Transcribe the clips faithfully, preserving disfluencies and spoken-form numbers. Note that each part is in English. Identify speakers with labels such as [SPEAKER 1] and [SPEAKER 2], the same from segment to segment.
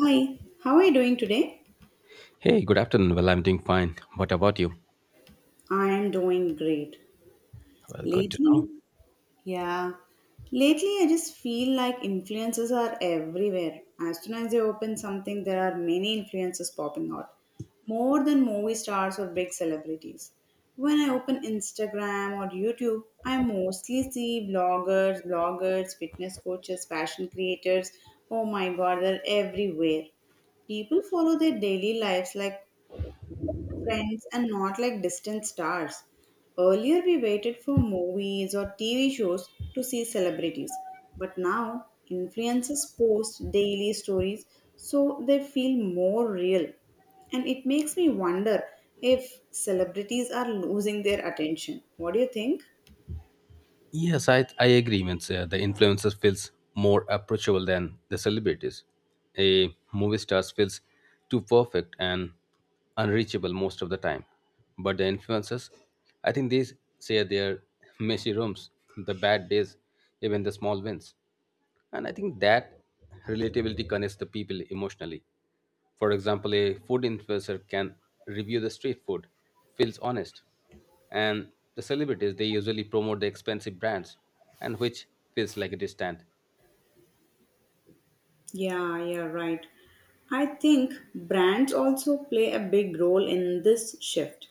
[SPEAKER 1] Hi, how are you doing today?
[SPEAKER 2] Hey, good afternoon. Well, I'm doing fine. What about you?
[SPEAKER 1] I am doing great.
[SPEAKER 2] Well, good to know.
[SPEAKER 1] Lately, yeah, lately I just feel like influences are everywhere. As soon as they open something, there are many influences popping out, more than movie stars or big celebrities. When I open Instagram or YouTube, I mostly see bloggers, bloggers, fitness coaches, fashion creators. Oh my god, they're everywhere, people follow their daily lives like friends and not like distant stars. Earlier, we waited for movies or T V shows to see celebrities, but now influencers post daily stories so they feel more real. And it makes me wonder if celebrities are losing their attention. What do you think?
[SPEAKER 2] Yes, I, I agree. Means, uh, the influencers feels more approachable than the celebrities. A movie star feels too perfect and unreachable most of the time. But the influencers, I think they share their messy rooms, the bad days, even the small wins. And I think that relatability connects the people emotionally. For example, a food influencer can review the street food, feels honest, and the celebrities they usually promote the expensive brands and which feels like it is stand.
[SPEAKER 1] Yeah, yeah, right. I think brands also play a big role in this shift.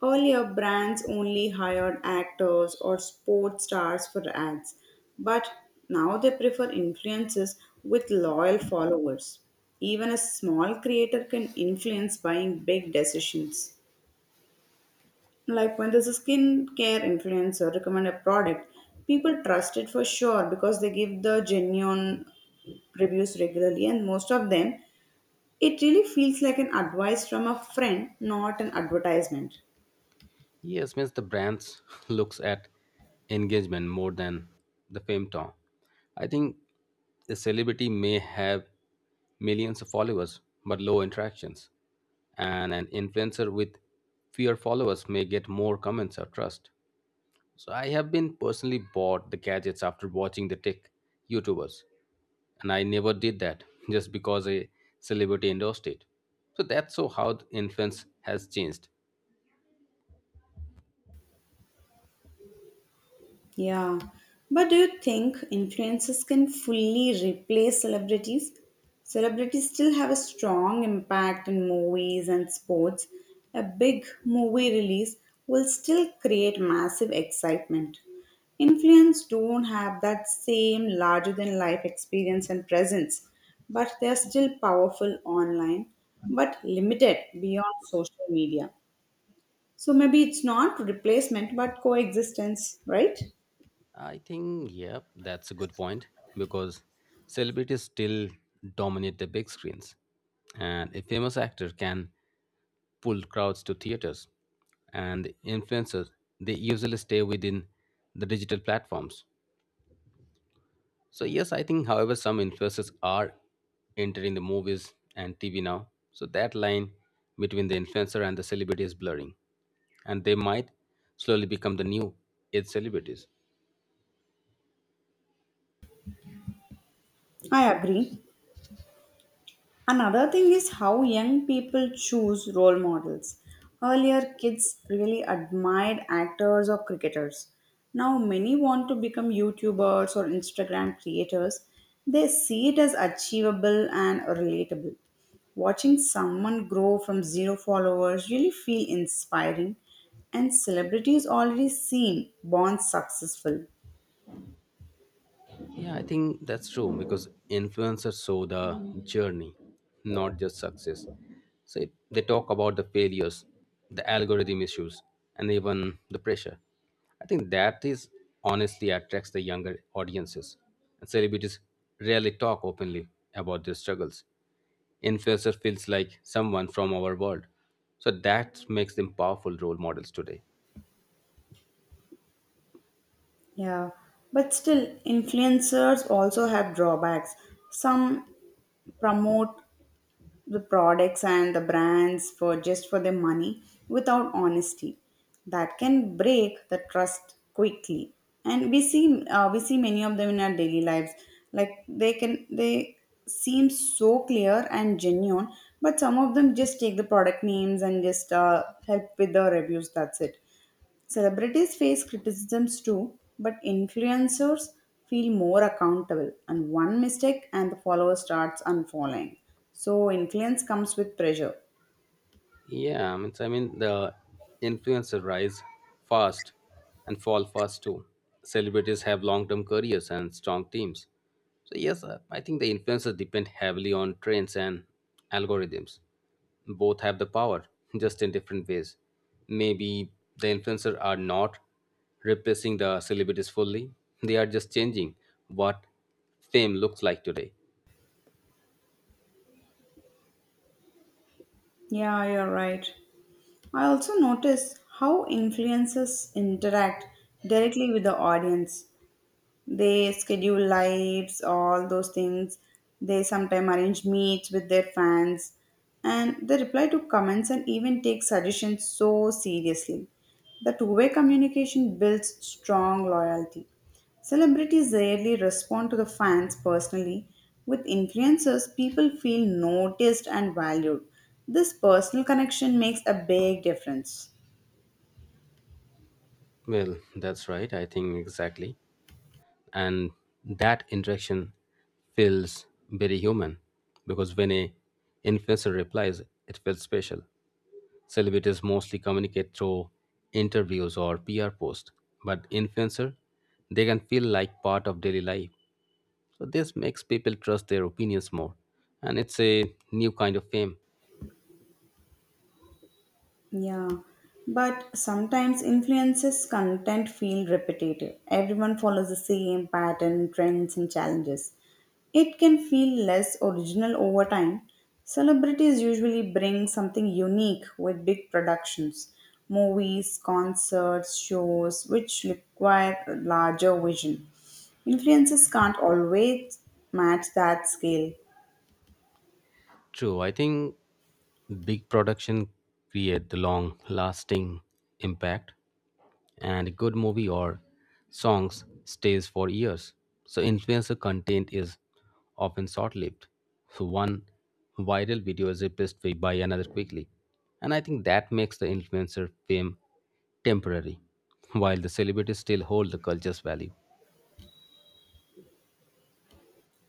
[SPEAKER 1] Earlier, brands only hired actors or sports stars for ads, but now they prefer influencers with loyal followers. Even a small creator can influence buying big decisions. Like when there's a skincare influencer recommend a product, people trust it for sure because they give the genuine reviews regularly, and most of them it really feels like an advice from a friend, not an advertisement.
[SPEAKER 2] Yes, means the brands looks at engagement more than the fame tone. I think a celebrity may have millions of followers but low interactions, and an influencer with fewer followers may get more comments or trust. So I have been personally bought the gadgets after watching the tech YouTubers, and I never did that just because a celebrity endorsed it. So that's so how the influence has changed.
[SPEAKER 1] Yeah. But do you think influencers can fully replace celebrities? Celebrities still have a strong impact in movies and sports. A big movie release will still create massive excitement. Influencers don't have that same larger than life experience and presence, but they're still powerful online, but limited beyond social media. So maybe it's not replacement but coexistence, right?
[SPEAKER 2] I think, yeah, that's a good point because celebrities still dominate the big screens, and a famous actor can pull crowds to theaters, and influencers they usually stay within the digital platforms. So yes, I think, however, some influencers are entering the movies and T V now, so that line between the influencer and the celebrity is blurring, and they might slowly become the new age celebrities.
[SPEAKER 1] I agree. Another thing is how young people choose role models. Earlier, kids really admired actors or cricketers. Now, many want to become YouTubers or Instagram creators. They see it as achievable and relatable. Watching someone grow from zero followers really feel inspiring, and celebrities already seem born successful.
[SPEAKER 2] Yeah, I think that's true because influencers show the journey, not just success. So if they talk about the failures, the algorithm issues, and even the pressure. I think that is honestly attracts the younger audiences. And celebrities rarely talk openly about their struggles. Influencer feels like someone from our world. So that makes them powerful role models today.
[SPEAKER 1] Yeah, but still, influencers also have drawbacks. Some promote the products and the brands for just for their money without honesty. That can break the trust quickly, and we see uh, we see many of them in our daily lives. Like they can they seem so clear and genuine, but some of them just take the product names and just uh, help with the reviews. That's it. Celebrities face criticisms too, but influencers feel more accountable, and one mistake and the follower starts unfollowing. So, influence comes with pressure.
[SPEAKER 2] Yeah, I mean, so, I mean the influencer rise fast and fall fast too. Celebrities have long-term careers and strong teams. So yes, uh, I think the influencers depend heavily on trends and algorithms. Both have the power, just in different ways. Maybe the influencers are not replacing the celebrities fully. They are just changing what fame looks like today.
[SPEAKER 1] Yeah, you're right. I also notice how influencers interact directly with the audience. They schedule lives, all those things. They sometimes arrange meets with their fans and they reply to comments and even take suggestions so seriously. The two way communication builds strong loyalty. Celebrities rarely respond to the fans personally. With influencers, people feel noticed and valued. This personal connection makes a big difference.
[SPEAKER 2] Well, that's right. I think exactly. And that interaction feels very human because when a influencer replies it feels special. Celebrities mostly communicate through interviews or PR posts, but influencer they can feel like part of daily life, so this makes people trust their opinions more, and it's a new kind of fame.
[SPEAKER 1] Yeah, but sometimes influences content feel repetitive. Everyone follows the same pattern, trends, and challenges. It can feel less original over time. Celebrities usually bring something unique with big productions, movies, concerts, shows, which require a larger vision. Influences can't always match that scale.
[SPEAKER 2] True, I think big production create the long lasting impact, and a good movie or songs stays for years. So influencer content is often short-lived. So one viral video is replaced by by another quickly. And I think that makes the influencer fame temporary, while the celebrities still hold the culture's value.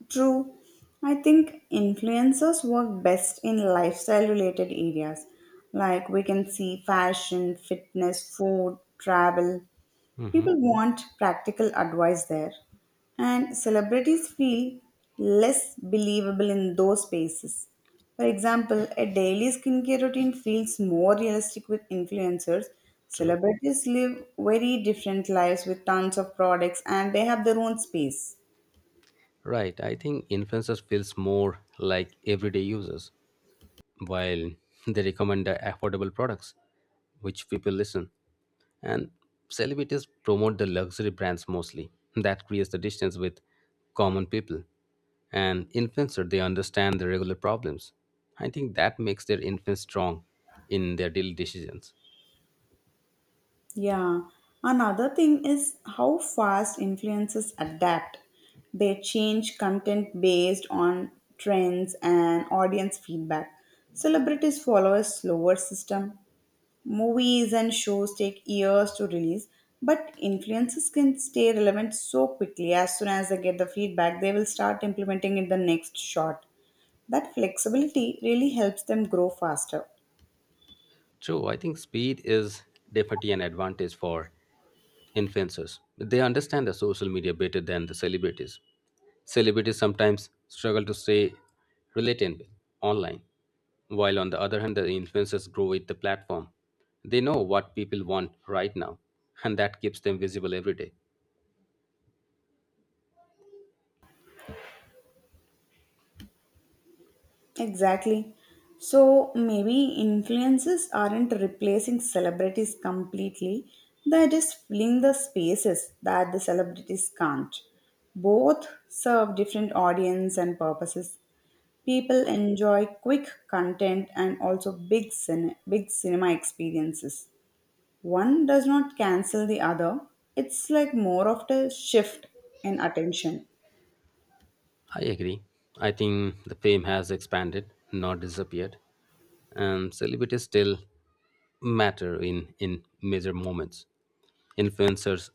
[SPEAKER 1] True. I think influencers work best in lifestyle related areas. Like we can see fashion, fitness, food, travel.
[SPEAKER 2] Hmm.
[SPEAKER 1] People want practical advice there. And celebrities feel less believable in those spaces. For example, a daily skincare routine feels more realistic with influencers.
[SPEAKER 2] True.
[SPEAKER 1] Celebrities live very different lives with tons of products and they have their own space.
[SPEAKER 2] Right. I think influencers feels more like everyday users, while they recommend the affordable products which people listen, and celebrities promote the luxury brands mostly, that creates the distance with common people, and influencer they understand the regular problems. I think that makes their influence strong in their daily decisions.
[SPEAKER 1] Yeah, another thing is how fast influencers adapt. They change content based on trends and audience feedback. Celebrities follow a slower system. Movies and shows take years to release, but influencers can stay relevant so quickly. As soon as they get the feedback, they will start implementing in the next shot. That flexibility really helps them grow faster.
[SPEAKER 2] True, I think speed is definitely an advantage for influencers. They understand the social media better than the celebrities. Celebrities sometimes struggle to stay relevant online, while on the other hand, the influencers grow with the platform. They know what people want right now, and that keeps them visible every day.
[SPEAKER 1] Exactly. So maybe influencers aren't replacing celebrities completely, they're just filling the spaces that the celebrities can't. Both serve different audience and purposes. People enjoy quick content and also big cine- big cinema experiences. One does not cancel the other. It's like more of the shift in attention.
[SPEAKER 2] I agree. I think the fame has expanded, not disappeared, and celebrities still matter in, in major moments. Influencers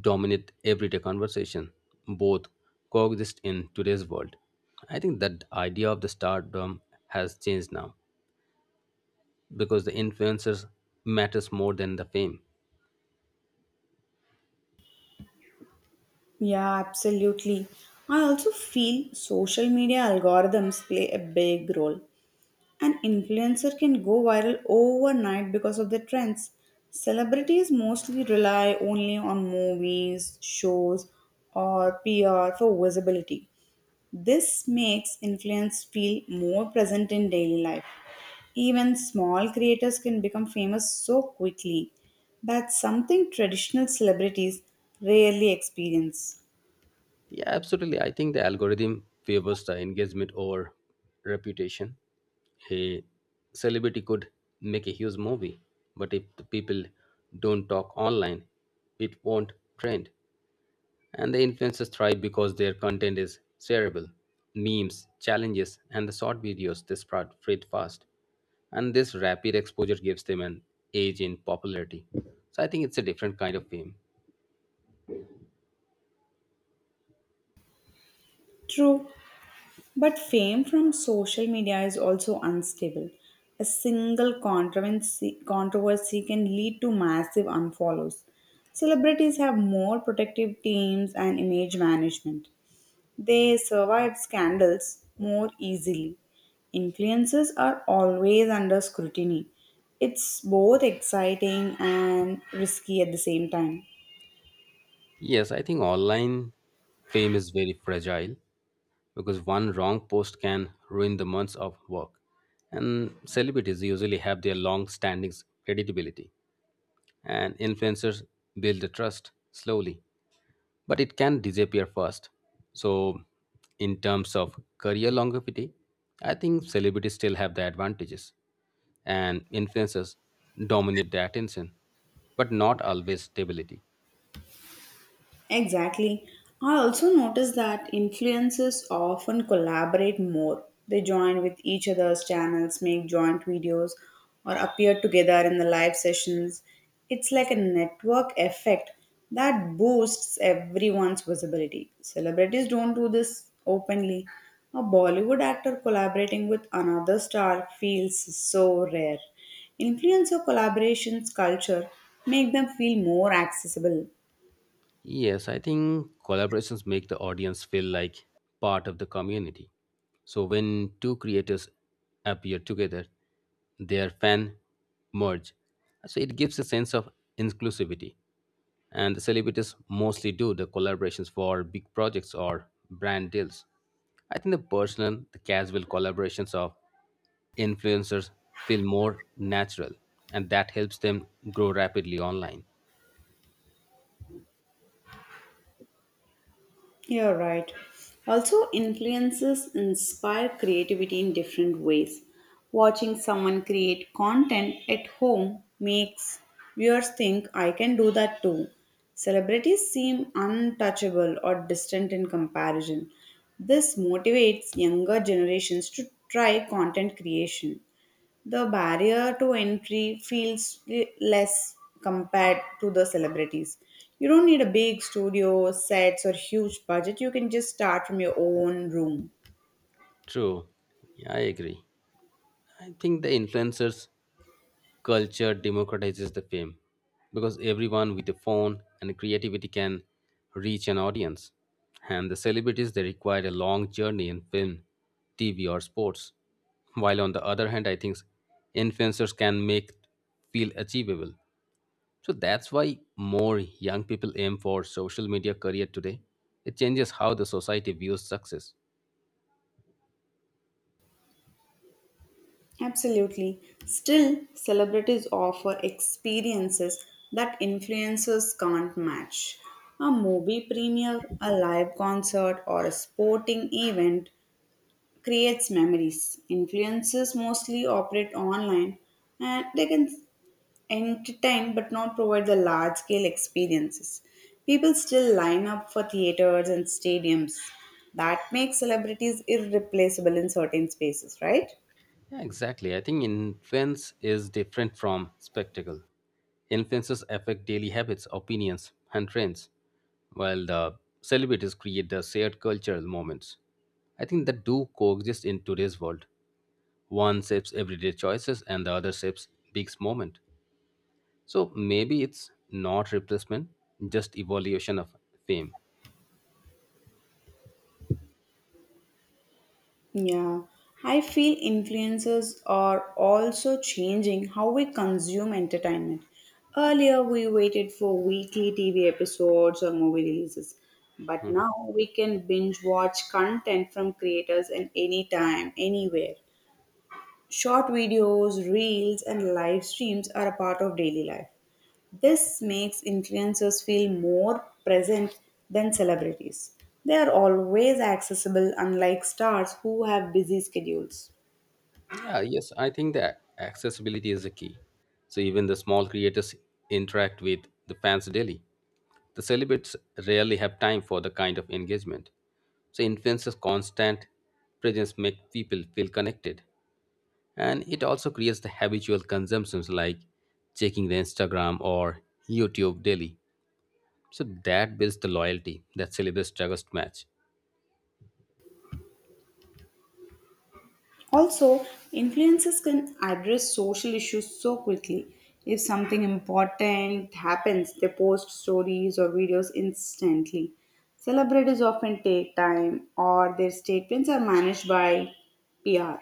[SPEAKER 2] dominate everyday conversation, both coexist in today's world. I think that idea of the stardom has changed now because the influencers matters more than the fame.
[SPEAKER 1] Yeah, absolutely. I also feel social media algorithms play a big role. An influencer can go viral overnight because of their trends. Celebrities mostly rely only on movies, shows, or P R for visibility. This makes influence feel more present in daily life. Even small creators can become famous so quickly. That's something traditional celebrities rarely experience.
[SPEAKER 2] Yeah, absolutely. I think the algorithm favors the engagement over reputation. A celebrity could make a huge movie, but if the people don't talk online, it won't trend. And the influencers thrive because their content is shareable. Memes, challenges, and the short videos they spread spread fast. And this rapid exposure gives them an edge in popularity. So I think it's a different kind of fame.
[SPEAKER 1] True, but fame from social media is also unstable. A single controversy, controversy can lead to massive unfollows. Celebrities have more protective teams and image management. They survive scandals more easily. Influencers are always under scrutiny. It's both exciting and risky at the same time.
[SPEAKER 2] Yes, I think online fame is very fragile because one wrong post can ruin the months of work. And celebrities usually have their long standing credibility, and influencers build the trust slowly, but it can disappear fast. So, in terms of career longevity, I think celebrities still have the advantages, and influencers dominate the attention, but not always stability.
[SPEAKER 1] Exactly. I also noticed that influencers often collaborate more. They join with each other's channels, make joint videos, or appear together in the live sessions. It's like a network effect that boosts everyone's visibility. Celebrities don't do this openly. A Bollywood actor collaborating with another star feels so rare. Influencer collaborations culture make them feel more accessible.
[SPEAKER 2] Yes, I think collaborations make the audience feel like part of the community. So when two creators appear together, their fan merge. So it gives a sense of inclusivity. And the celebrities mostly do the collaborations for big projects or brand deals. I think the personal, the casual collaborations of influencers feel more natural, and that helps them grow rapidly online.
[SPEAKER 1] You're right. Also, influences inspire creativity in different ways. Watching someone create content at home makes viewers think, I can do that too. Celebrities seem untouchable or distant in comparison. This motivates younger generations to try content creation. The barrier to entry feels re- less compared to the celebrities. You don't need a big studio, sets, or huge budget. You can just start from your own room.
[SPEAKER 2] True. Yeah, I agree. I think the influencers culture democratizes the fame because everyone with a phone and creativity can reach an audience. And the celebrities they require a long journey in film, T V or sports. While on the other hand, I think influencers can make feel achievable. So that's why more young people aim for social media career today. It changes how the society views success.
[SPEAKER 1] Absolutely. Still, celebrities offer experiences that influencers can't match. A movie premiere, a live concert, or a sporting event creates memories. Influencers mostly operate online and they can entertain but not provide the large scale experiences. People still line up for theaters and stadiums. That makes celebrities irreplaceable in certain spaces, right?
[SPEAKER 2] Yeah, exactly. I think influence is different from spectacle. Influences affect daily habits, opinions, and trends, while the celebrities create the shared cultural moments. I think that do coexist in today's world. One shapes everyday choices and the other shapes big moment. So maybe it's not replacement, just evolution of fame.
[SPEAKER 1] Yeah, I feel influencers are also changing how we consume entertainment. Earlier, we waited for weekly T V episodes or movie releases, but now we can binge watch content from creators at any time, anywhere. Short videos, reels, and live streams are a part of daily life. This makes influencers feel more present than celebrities. They are always accessible, unlike stars who have busy schedules.
[SPEAKER 2] Yeah, yes, I think that accessibility is a key. So even the small creators interact with the fans daily. The celebrities rarely have time for the kind of engagement. So influencers' constant presence make people feel connected, and it also creates the habitual consumptions like checking the Instagram or YouTube daily. So that builds the loyalty that celebrities struggles to match.
[SPEAKER 1] Also, influencers can address social issues so quickly. If something important happens, they post stories or videos instantly. Celebrities often take time, or their statements are managed by P R.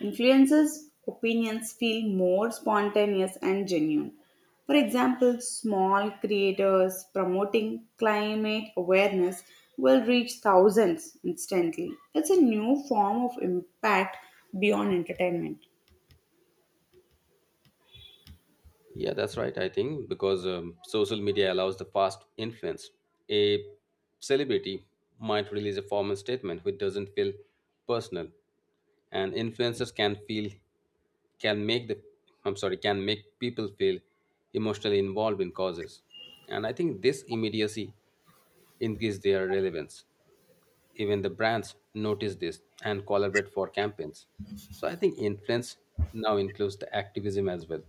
[SPEAKER 1] Influencers' opinions feel more spontaneous and genuine. For example, small creators promoting climate awareness will reach thousands instantly. It's a new form of impact beyond entertainment.
[SPEAKER 2] Yeah, that's right. I think because um, social media allows the fast influence, a celebrity might release a formal statement which doesn't feel personal, and influencers can feel can make the, I'm sorry, can make people feel emotionally involved in causes, and I think this immediacy increase their relevance. Even the brands notice this and collaborate for campaigns. So I think influence now includes the activism as well.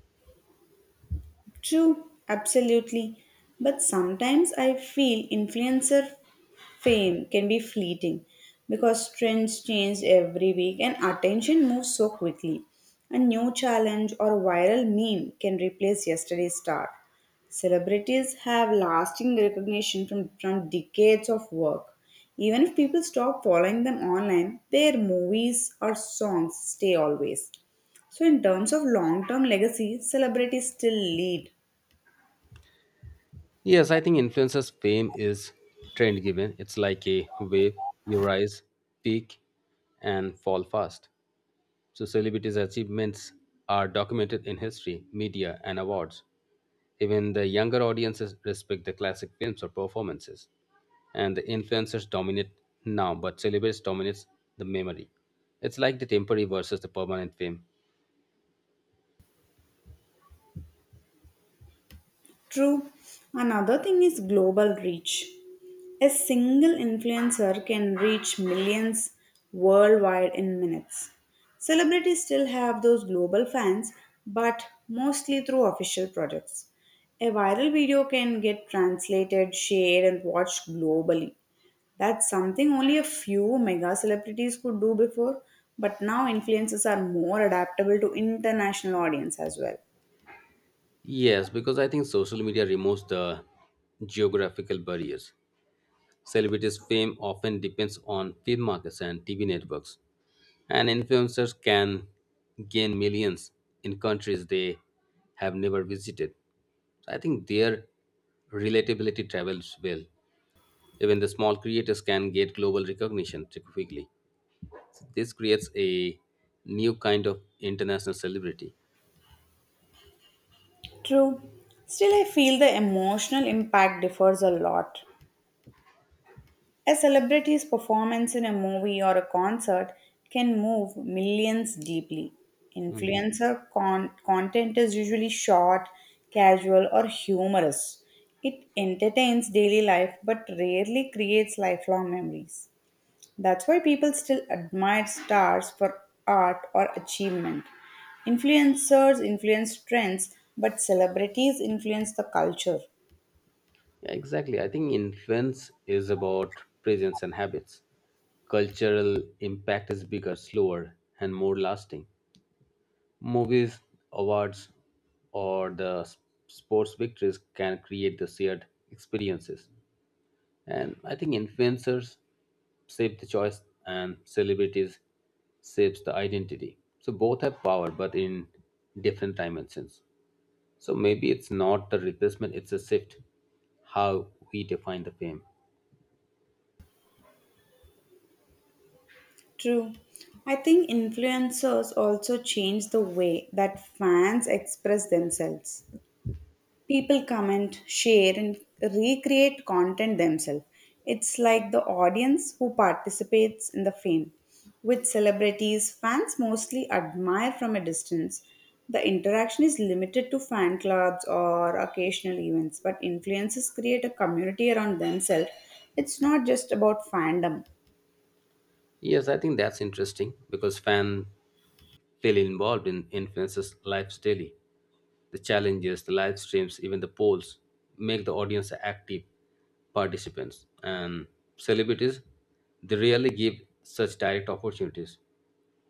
[SPEAKER 1] True, absolutely. But sometimes I feel influencer fame can be fleeting because trends change every week and attention moves so quickly. A new challenge or viral meme can replace yesterday's star. Celebrities have lasting recognition from, from decades of work. Even if people stop following them online, their movies or songs stay always. So, in terms of long term legacy, celebrities still lead.
[SPEAKER 2] Yes, I think influencers' fame is trend given. It's like a wave, you rise, peak, and fall fast. So, celebrities' achievements are documented in history, media, and awards. Even the younger audiences respect the classic films or performances. And the influencers dominate now, but celebrities dominates the memory. It's like the temporary versus the permanent fame.
[SPEAKER 1] True. Another thing is global reach. A single influencer can reach millions worldwide in minutes. Celebrities still have those global fans, but mostly through official projects. A viral video can get translated, shared, and watched globally. That's something only a few mega celebrities could do before, but now influencers are more adaptable to international audience as well.
[SPEAKER 2] Yes, because I think social media removes the geographical barriers. Celebrities' fame often depends on film markets and T V networks, and influencers can gain millions in countries they have never visited. I think their relatability travels well. Even the small creators can get global recognition quickly. This creates a new kind of international celebrity.
[SPEAKER 1] True. Still, I feel the emotional impact differs a lot. A celebrity's performance in a movie or a concert can move millions deeply. Influencer con- content is usually short, casual, or humorous. It entertains daily life but rarely creates lifelong memories. That's why people still admire stars for art or achievement. Influencers influence trends, but celebrities influence the culture.
[SPEAKER 2] Yeah, exactly. I think influence is about presence and habits. Cultural impact is bigger, slower, and more lasting. Movies, awards, or the s- sports victories can create the shared experiences. And I think influencers shape the choice and celebrities shapes the identity. So both have power, but in different dimensions. So maybe it's not the replacement, it's a shift how we define the fame.
[SPEAKER 1] True. I think influencers also change the way that fans express themselves. People comment, share, and recreate content themselves. It's like the audience who participates in the fame. With celebrities, fans mostly admire from a distance. The interaction is limited to fan clubs or occasional events, but influencers create a community around themselves. It's not just about fandom.
[SPEAKER 2] Yes, I think that's interesting because fans feel involved in influencers' lives daily. The challenges, the live streams, even the polls make the audience active participants. And celebrities, they rarely give such direct opportunities.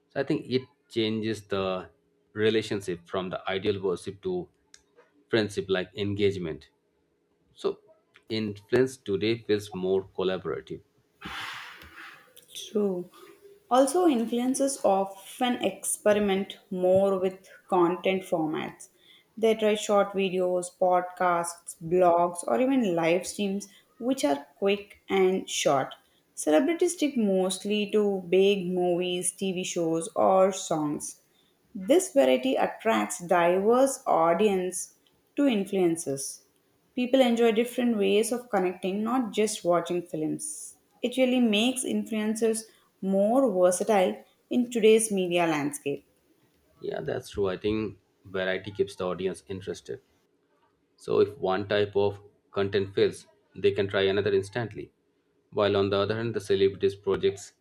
[SPEAKER 2] So I think it changes the relationship from the ideal worship to friendship like engagement. So influence today feels more collaborative.
[SPEAKER 1] True. Also, influencers often experiment more with content formats. They try short videos, podcasts, blogs, or even live streams, which are quick and short. Celebrities stick mostly to big movies, T V shows, or songs. This variety attracts diverse audience to influencers. People enjoy different ways of connecting, not just watching films. It really makes influencers more versatile in today's media landscape.
[SPEAKER 2] Yeah, that's true. I think variety keeps the audience interested. So if one type of content fails, they can try another instantly. While on the other hand, the celebrities' projects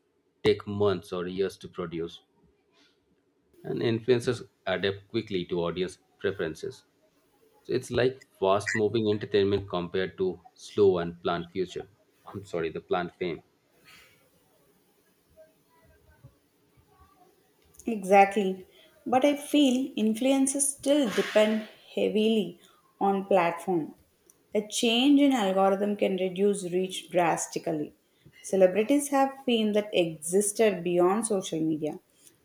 [SPEAKER 2] take months or years to produce, and influencers adapt quickly to audience preferences. So it's like fast-moving entertainment compared to slow and planned future. I'm sorry, the planned fame.
[SPEAKER 1] Exactly. But I feel influences still depend heavily on platform. A change in algorithm can reduce reach drastically. Celebrities have fame that existed beyond social media.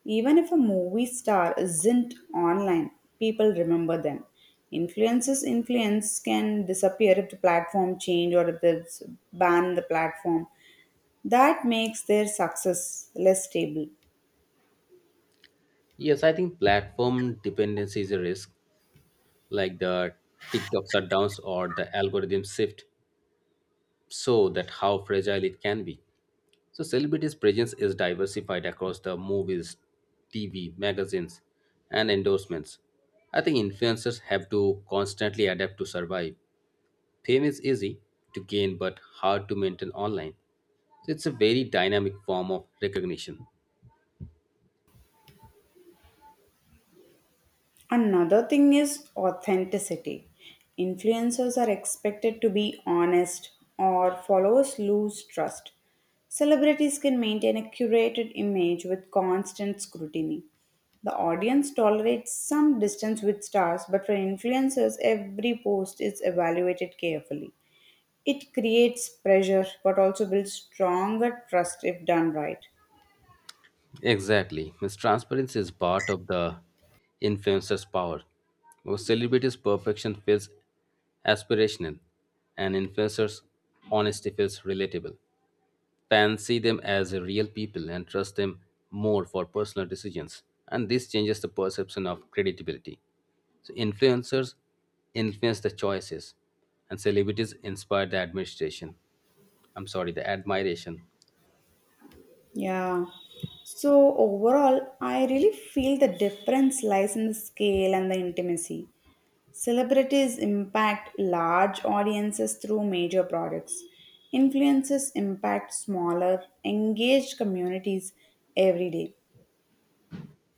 [SPEAKER 1] Even if a movie star isn't online, people remember them. Influences influence can disappear if the platform change or if there's ban the platform. That makes their success less stable.
[SPEAKER 2] Yes, I think platform dependency is a risk, like the TikTok shutdowns or the algorithm shift, so that how fragile it can be. So celebrities' presence is diversified across the movies, T V, magazines, and endorsements. I think influencers have to constantly adapt to survive. Fame is easy to gain but hard to maintain online. So it's a very dynamic form of recognition.
[SPEAKER 1] Another thing is authenticity. Influencers are expected to be honest, or followers lose trust. Celebrities can maintain a curated image with constant scrutiny. The audience tolerates some distance with stars, but for influencers, every post is evaluated carefully. It creates pressure but also builds stronger trust if done right.
[SPEAKER 2] Exactly. Miss Transparency is part of the influencer's power. A celebrity's perfection feels aspirational, and influencer's honesty feels relatable. Fans them as real people and trust them more for personal decisions, and this changes the perception of credibility. So influencers influence the choices, and celebrities inspire the administration. I'm sorry, the admiration.
[SPEAKER 1] Yeah. So overall, I really feel the difference lies in the scale and the intimacy. Celebrities impact large audiences through major products. Influencers impact smaller, engaged communities every day.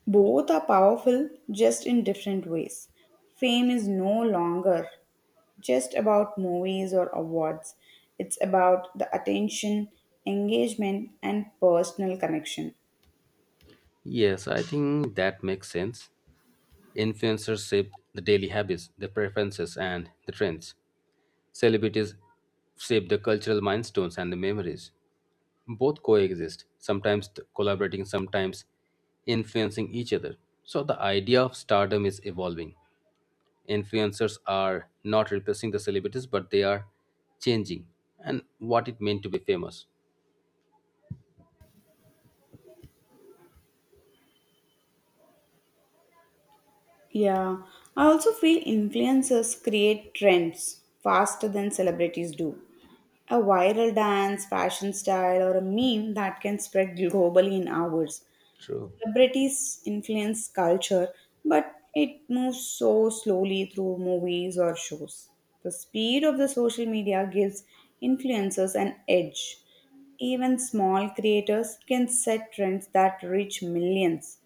[SPEAKER 1] Both are powerful, just in different ways. Fame is no longer just about movies or awards. It's about the attention, engagement, and personal connection.
[SPEAKER 2] Yes, I think that makes sense. Influencers shape the daily habits, the preferences, and the trends. Celebrities shape the cultural milestones and the memories. Both coexist, sometimes t- collaborating, sometimes influencing each other. So the idea of stardom is evolving. Influencers are not replacing the celebrities, but they are changing and what it meant to be famous.
[SPEAKER 1] Yeah, I also feel influencers create trends faster than celebrities do. A viral dance, fashion style, or a meme that can spread globally in hours.
[SPEAKER 2] True.
[SPEAKER 1] Celebrities influence culture, but it moves so slowly through movies or shows. The speed of the social media gives influencers an edge. Even small creators can set trends that reach millions.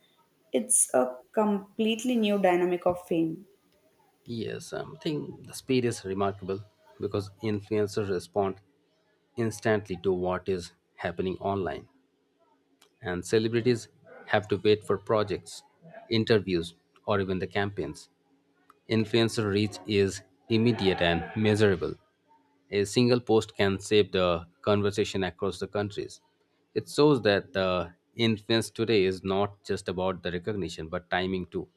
[SPEAKER 1] It's a completely new dynamic of fame.
[SPEAKER 2] Yes, um, I think the speed is remarkable because influencers respond instantly to what is happening online, and celebrities have to wait for projects, interviews, or even the campaigns. Influencer reach is immediate and measurable. A single post can shape the conversation across the countries. It shows that the influence today is not just about the recognition but timing too.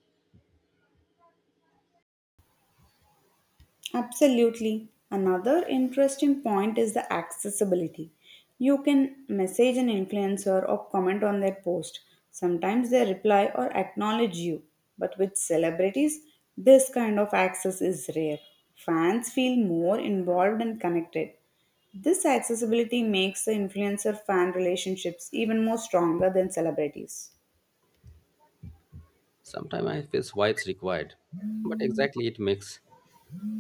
[SPEAKER 1] Absolutely. Another interesting point is the accessibility. You can message an influencer or comment on their post. Sometimes they reply or acknowledge you. But with celebrities, this kind of access is rare. Fans feel more involved and connected. This accessibility makes the influencer fan relationships even more stronger than celebrities.
[SPEAKER 2] Sometimes I feel why it's required, but exactly it makes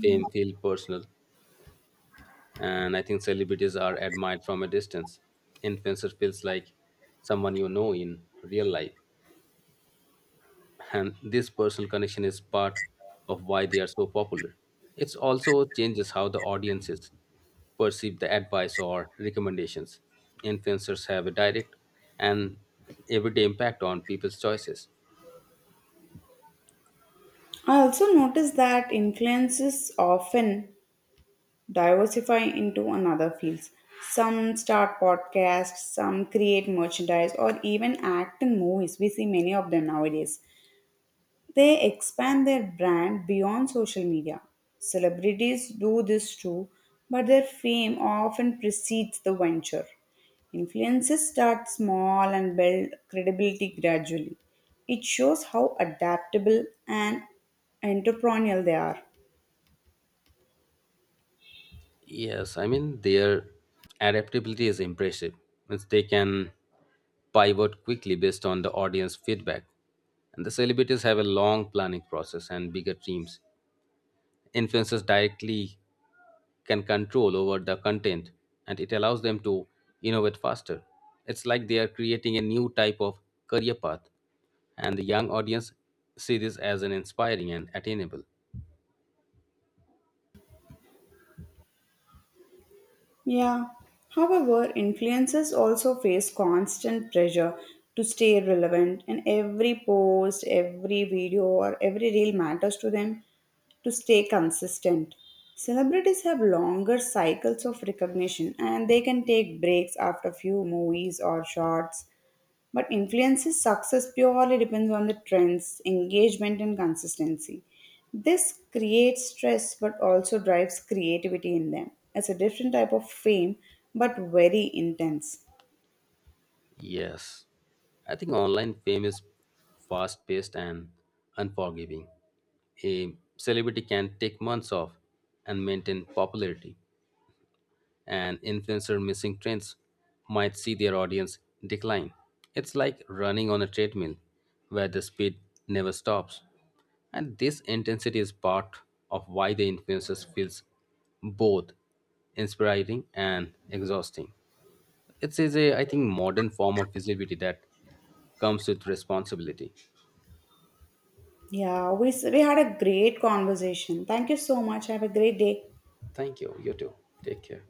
[SPEAKER 2] fame feel personal. And I think celebrities are admired from a distance. Influencer feels like someone you know in real life, and this personal connection is part of why they are so popular. It also changes how the audiences perceive the advice or recommendations. Influencers have a direct and everyday impact on people's choices.
[SPEAKER 1] I also noticed that influencers often diversify into another fields. Some start podcasts, some create merchandise, or even act in movies. We see many of them nowadays. They expand their brand beyond social media. Celebrities do this too, but their fame often precedes the venture. Influences start small and build credibility gradually. It shows how adaptable and entrepreneurial they are.
[SPEAKER 2] Yes, I mean their adaptability is impressive. Means they can pivot quickly based on the audience feedback. And the celebrities have a long planning process and bigger teams. Influencers directly can control over the content, and it allows them to innovate faster. It's like they are creating a new type of career path, and the young audience see this as an inspiring and attainable.
[SPEAKER 1] Yeah. However, influencers also face constant pressure to stay relevant, and every post, every video, or every reel matters to them to stay consistent. Celebrities have longer cycles of recognition and they can take breaks after few movies or shots but influence's success purely depends on the trends, engagement, and consistency. This creates stress but also drives creativity in them. It's a different type of fame but very intense.
[SPEAKER 2] Yes, I think online fame is fast paced and unforgiving. A celebrity can take months off and maintain popularity, and influencer missing trends might see their audience decline. It's like running on a treadmill where the speed never stops. And this intensity is part of why the influencers feels both inspiring and exhausting. It is a, I think, modern form of visibility that comes with responsibility.
[SPEAKER 1] Yeah, we, we had a great conversation. Thank you so much. Have a great day.
[SPEAKER 2] Thank you. You too. Take care.